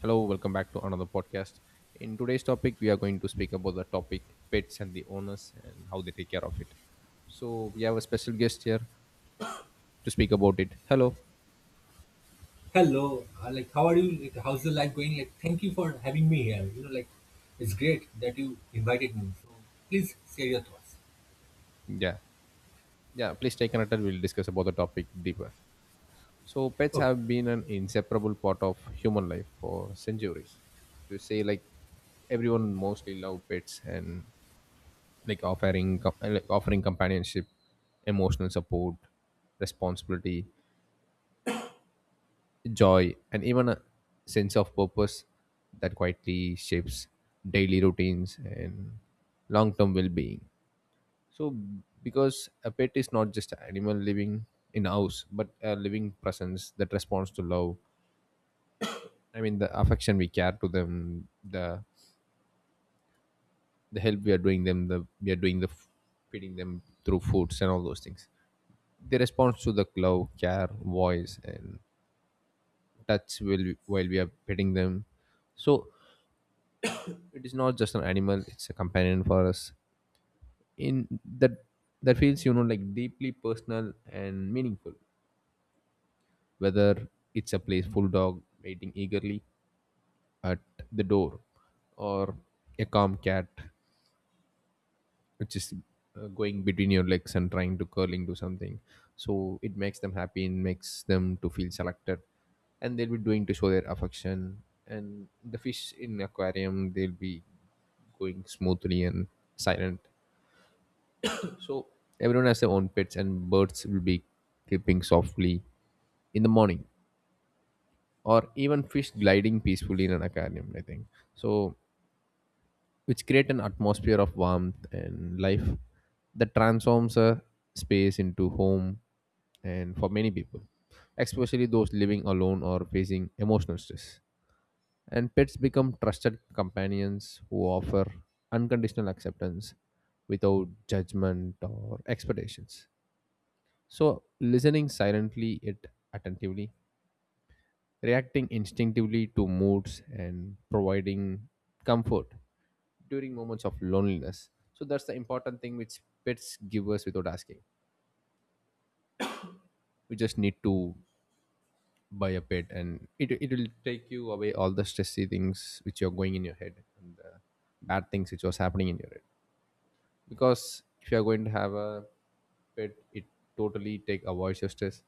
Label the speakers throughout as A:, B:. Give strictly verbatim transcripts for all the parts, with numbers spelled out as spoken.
A: Hello, welcome back to another podcast. In today's topic, we are going to speak about the topic pets and the owners and how they take care of it. So we have a special guest here to speak about it. Hello.
B: Hello, uh, like how are you? Like how's the life going? Like thank you for having me here. You know, like it's great that you invited me. So please share your thoughts.
A: Yeah. Yeah, please stay connected. We'll discuss about the topic deeper. So pets
B: Okay.
A: have been an inseparable part of human life for centuries. You say like everyone mostly love pets and like offering com- like offering companionship, emotional support, responsibility joy, and even a sense of purpose that quietly shapes daily routines and long term well being. So, because a pet is not just an animal living in a house, but a living presence that responds to love. I mean, the affection we care to them, the the help we are doing them, the we are doing the f- feeding them through foods and all those things. They respond to the love, care, voice, and touch will while we are petting them. So it is not just an animal, it's a companion for us in that that feels, you know, like deeply personal and meaningful, whether it's a playful dog waiting eagerly at the door, or a calm cat which is uh, going between your legs and trying to curl into something. So it makes them happy and makes them to feel selected, and they'll be doing to show their affection, and the fish in aquarium they'll be going smoothly and silent. So everyone has their own pets, and birds will be creeping softly in the morning, or even fish gliding peacefully in an aquarium. I think so, which create an atmosphere of warmth and life that transforms a space into home, and for many people, especially those living alone or facing emotional stress. And pets become trusted companions who offer unconditional acceptance without judgment or expectations. So, listening silently yet attentively, reacting instinctively to moods, and providing comfort during moments of loneliness. So, that's the important thing which pets give us without asking. We just need to buy a pet, and it, it will take you away all the stressy things which are going in your head and the bad things which was happening in your head. Because if you are going to have a pet, it totally take avoids your stress,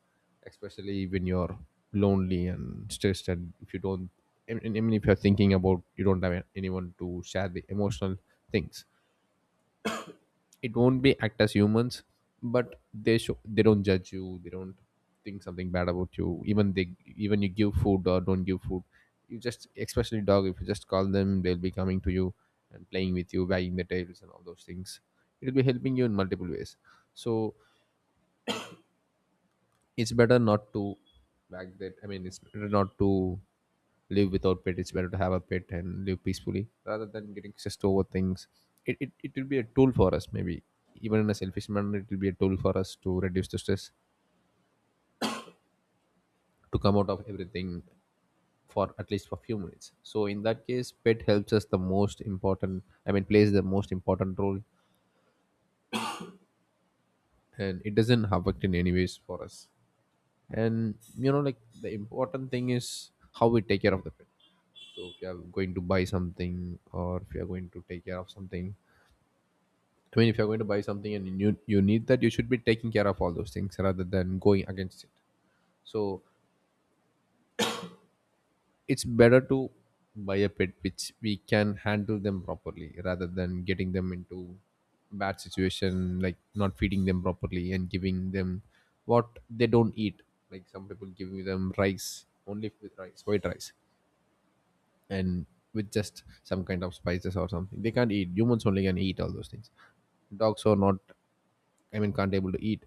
A: especially when you're lonely and stressed, and if you don't, i mean I mean, if you're thinking about you don't have anyone to share the emotional things, it won't be act as humans, but they show they don't judge you, they don't think something bad about you. Even they, even you give food or don't give food, you just, especially dog, if you just call them, they'll be coming to you and playing with you, wagging their tails and all those things. It'll be helping you in multiple ways. So it's better not to back that, I mean, it's better not to live without pet. It's better to have a pet and live peacefully rather than getting stressed over things. It, it, it will be a tool for us, maybe even in a selfish manner. It will be a tool for us to reduce the stress, to come out of everything for at least for a few minutes. So in that case pet helps us the most important, I mean, plays the most important role, and it doesn't affect in any ways for us. And you know, like, the important thing is how we take care of the pet. So if you are going to buy something or if you are going to take care of something, I mean, if you're going to buy something and you you need that, you should be taking care of all those things rather than going against it. So it's better to buy a pet which we can handle them properly rather than getting them into bad situation, like not feeding them properly and giving them what they don't eat. Like some people giving them rice, only with rice, white rice, and with just some kind of spices or something. They can't eat. Humans only can eat all those things. Dogs are not, I mean, can't able to eat.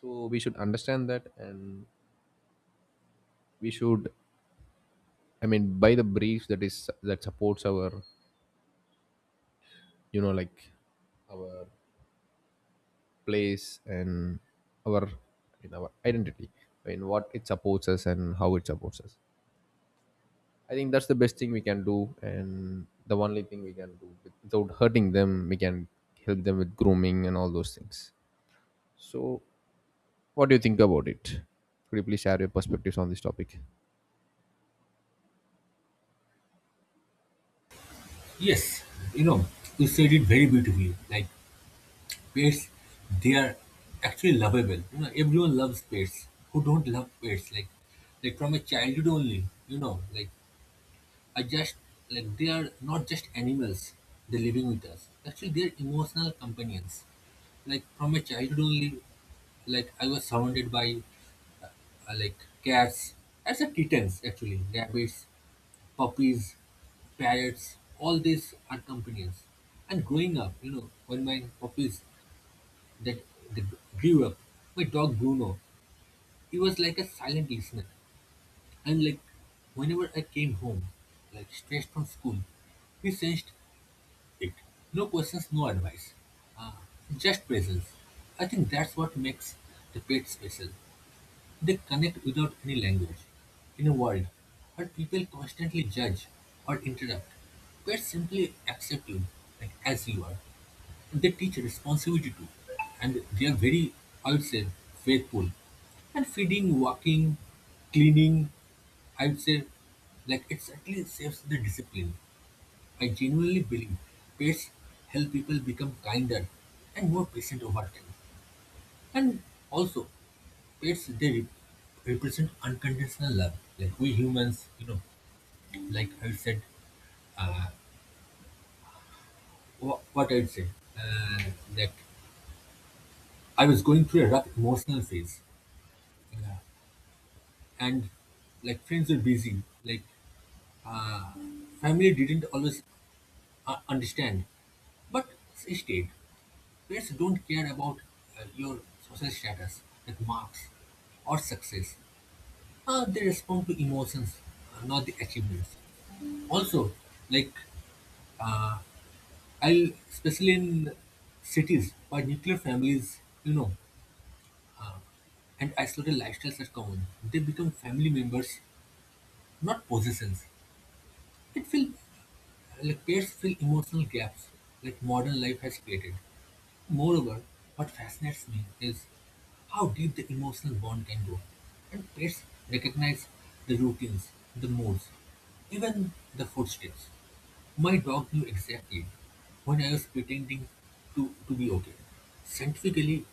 A: So we should understand that, and we should, I mean, buy the briefs that is that supports our, you know, like, our place and our, in our identity. I mean, what it supports us and how it supports us. I think that's the best thing we can do, and the only thing we can do without hurting them. We can help them with grooming and all those things. So, what do you think about it? Could you please share your perspectives on this topic?
B: Yes, you know, you said it very beautifully. Like pets, they are actually lovable. You know, everyone loves pets. Who don't love pets? Like like from a childhood only, you know, like I just like they are not just animals, they're living with us. Actually they're emotional companions. Like from a childhood only, like I was surrounded by uh, like cats, as a kittens actually, rabbits, puppies, parrots, all these are companions. And growing up, you know, when my puppies that they grew up, my dog Bruno, he was like a silent listener. And like whenever I came home, like straight from school, he sensed it. No questions, no advice. Uh, just presence. I think that's what makes the pet special. They connect without any language. In a world where people constantly judge or interrupt, pets simply accept you like, as you are. And they teach responsibility too. And they are very, I would say, faithful. And feeding, walking, cleaning, I would say, like it certainly saves the discipline. I genuinely believe pets help people become kinder and more patient over time. And also, it's they rep- represent unconditional love like we humans, you know like I said wha- what I'd say uh, that I was going through a rough emotional phase, uh, and like friends were busy, like uh, family didn't always uh, understand, but she stayed. Parents don't care about uh, your social status like marks or success. Uh, they respond to emotions, uh, not the achievements. Also, like I'll especially in cities where nuclear families, you know, and isolated lifestyles are common, they become family members, not possessions. It feel like pairs fill emotional gaps like modern life has created. Moreover, what fascinates me is how deep the emotional bond can go. And pets recognize the routines, the moods, even the footsteps. My dog knew exactly when I was pretending to, to be okay. Scientifically,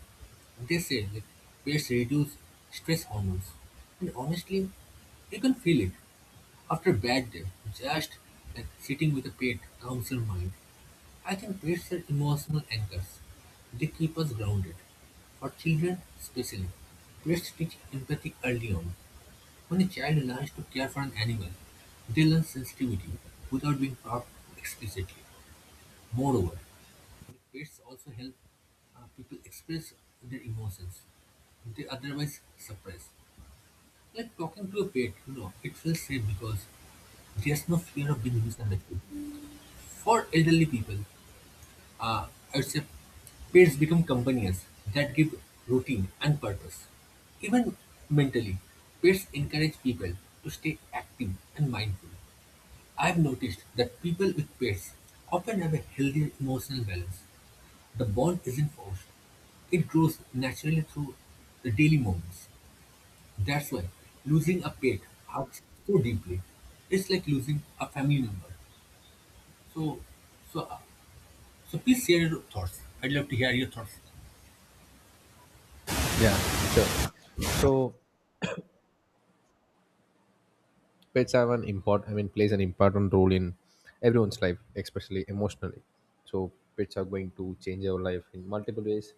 B: they say that pets reduce stress hormones. And honestly, you can feel it. After a bad day, just like sitting with a pet calms your mind. I think pets are emotional anchors. They keep us grounded. For children, especially, pets teach empathy early on. When a child learns to care for an animal, they learn sensitivity without being taught explicitly. Moreover, pets also help uh, people express their emotions they otherwise suppress. Like talking to a pet, you know, it feels safe because there's no fear of being misunderstood. For elderly people, Uh, I would say pets become companions that give routine and purpose. Even mentally, pets encourage people to stay active and mindful. I've noticed that people with pets often have a healthier emotional balance. The bond isn't forced, it grows naturally through the daily moments. That's why losing a pet hurts so deeply. It's like losing a family member. So, so, uh, so please share your thoughts. I'd love to hear your thoughts.
A: Yeah, sure. So pets have an import. I mean, plays an important role in everyone's life, especially emotionally. So pets are going to change your life in multiple ways.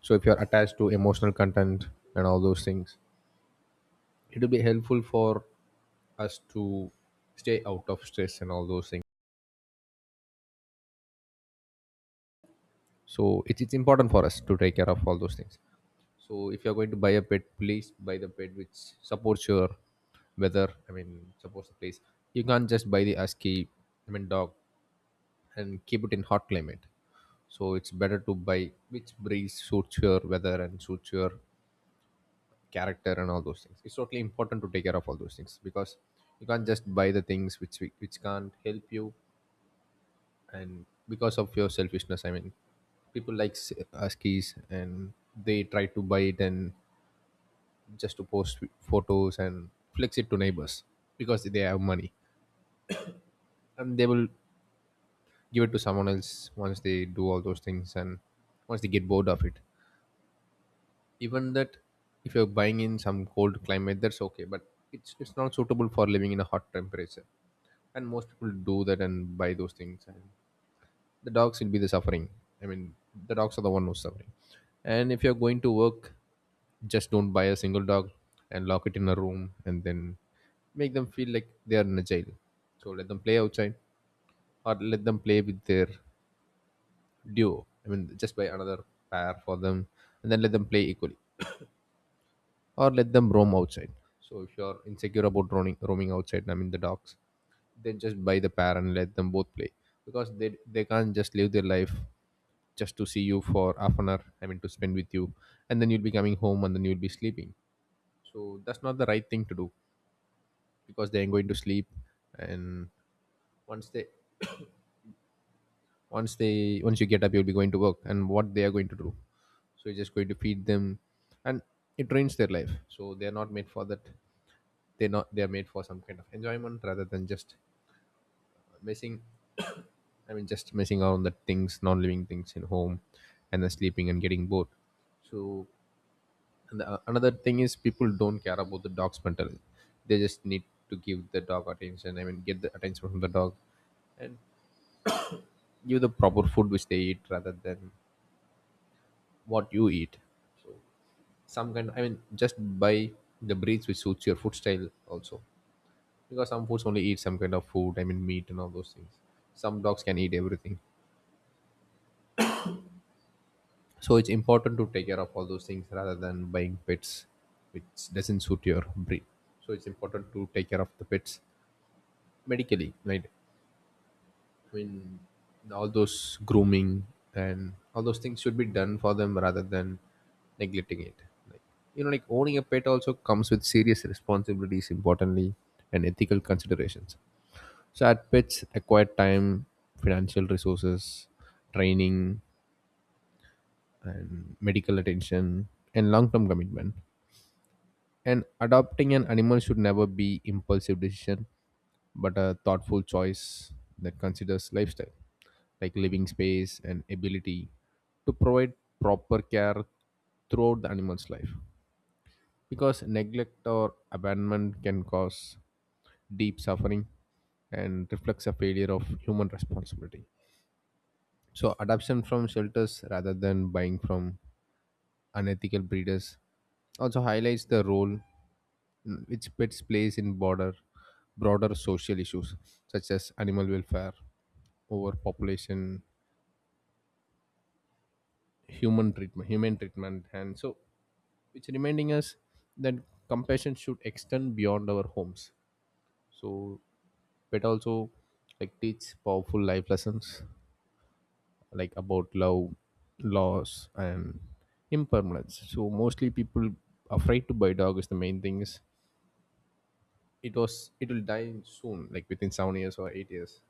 A: So if you are attached to emotional content and all those things, it will be helpful for us to stay out of stress and all those things. So it's it's important for us to take care of all those things. So if you're going to buy a pet, please buy the pet which supports your weather. I mean, supports the place. You can't just buy the ASCII, I mean, dog, and keep it in hot climate. So it's better to buy which breeze suits your weather and suits your character and all those things. It's totally important to take care of all those things, because you can't just buy the things which which can't help you and because of your selfishness. I mean, people like s- uh, and they try to buy it and just to post photos and flex it to neighbors because they have money, and they will give it to someone else once they do all those things and once they get bored of it. Even that, if you're buying in some cold climate that's okay, but it's, it's not suitable for living in a hot temperature, and most people do that and buy those things, and the dogs will be the suffering, I mean, the dogs are the one who's suffering. And if you're going to work, just don't buy a single dog and lock it in a room and then make them feel like they are in a jail. So let them play outside or let them play with their duo, I mean, just buy another pair for them and then let them play equally, or let them roam outside. So if you're insecure about roaming, roaming outside, I mean the dogs, then just buy the pair and let them both play, because they they can't just live their life just to see you for half an hour, I mean to spend with you, and then you'll be coming home and then you'll be sleeping. So that's not the right thing to do, because they're going to sleep, and once they, once they once you get up, you'll be going to work, and what they are going to do? So you're just going to feed them, and it drains their life. So they're not made for that. They're not they're made for some kind of enjoyment rather than just messing, I mean, just messing around the things, non-living things in home, and then sleeping and getting bored. So, and the, another thing is people don't care about the dog's mental health. They just need to give the dog attention, I mean, get the attention from the dog and give the proper food which they eat rather than what you eat. So some kind, I mean, just buy the breeds which suits your food style also, because some foods only eat some kind of food. I mean, meat and all those things. Some dogs can eat everything, so it's important to take care of all those things rather than buying pets which doesn't suit your breed. So it's important to take care of the pets medically, right? I mean, all those grooming and all those things should be done for them rather than neglecting it. Like, you know, like, owning a pet also comes with serious responsibilities, importantly, and ethical considerations. So, at pets acquire time, financial resources, training, and medical attention, and long term commitment. And adopting an animal should never be impulsive decision, but a thoughtful choice that considers lifestyle, like living space and ability to provide proper care throughout the animal's life. Because neglect or abandonment can cause deep suffering and reflects a failure of human responsibility. So, adoption from shelters rather than buying from unethical breeders also highlights the role, mm, its its place in broader broader social issues such as animal welfare, overpopulation, human treatment, human treatment, and so it's reminding us that compassion should extend beyond our homes. So pet also like teach powerful life lessons, like about love, loss, and impermanence. So mostly people afraid to buy dog, is the main thing is it was it will die soon, like within seven years or eight years,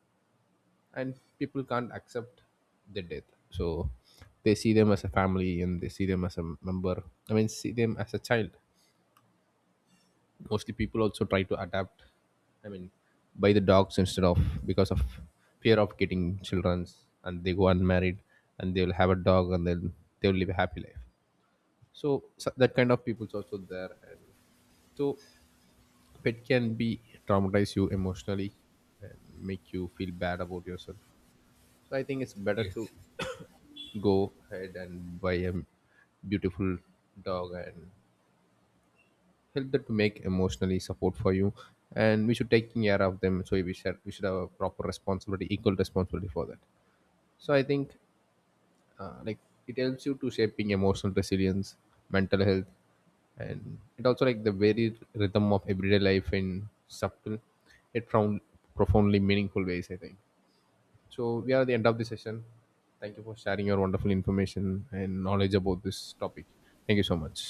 A: and people can't accept their death. So they see them as a family and they see them as a member, I mean, see them as a child. Mostly people also try to adapt, I mean, buy the dogs instead of, because of fear of getting children's, and they go unmarried and they will have a dog, and then they will live a happy life. So, so that kind of people's also there. And so pet can be traumatize you emotionally and make you feel bad about yourself. So I think it's better to
B: Yes.
A: go ahead and buy a beautiful dog and help them to make emotionally support for you, and we should take care of them. So we should we should have a proper responsibility, equal responsibility for that. So I think, uh, like, it helps you to shaping emotional resilience, mental health, and it also like the very rhythm of everyday life in subtle, it found profoundly meaningful ways, I think. So we are at the end of the session. Thank you for sharing your wonderful information and knowledge about this topic. Thank you so much.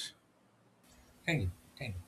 B: Thank you. Thank you.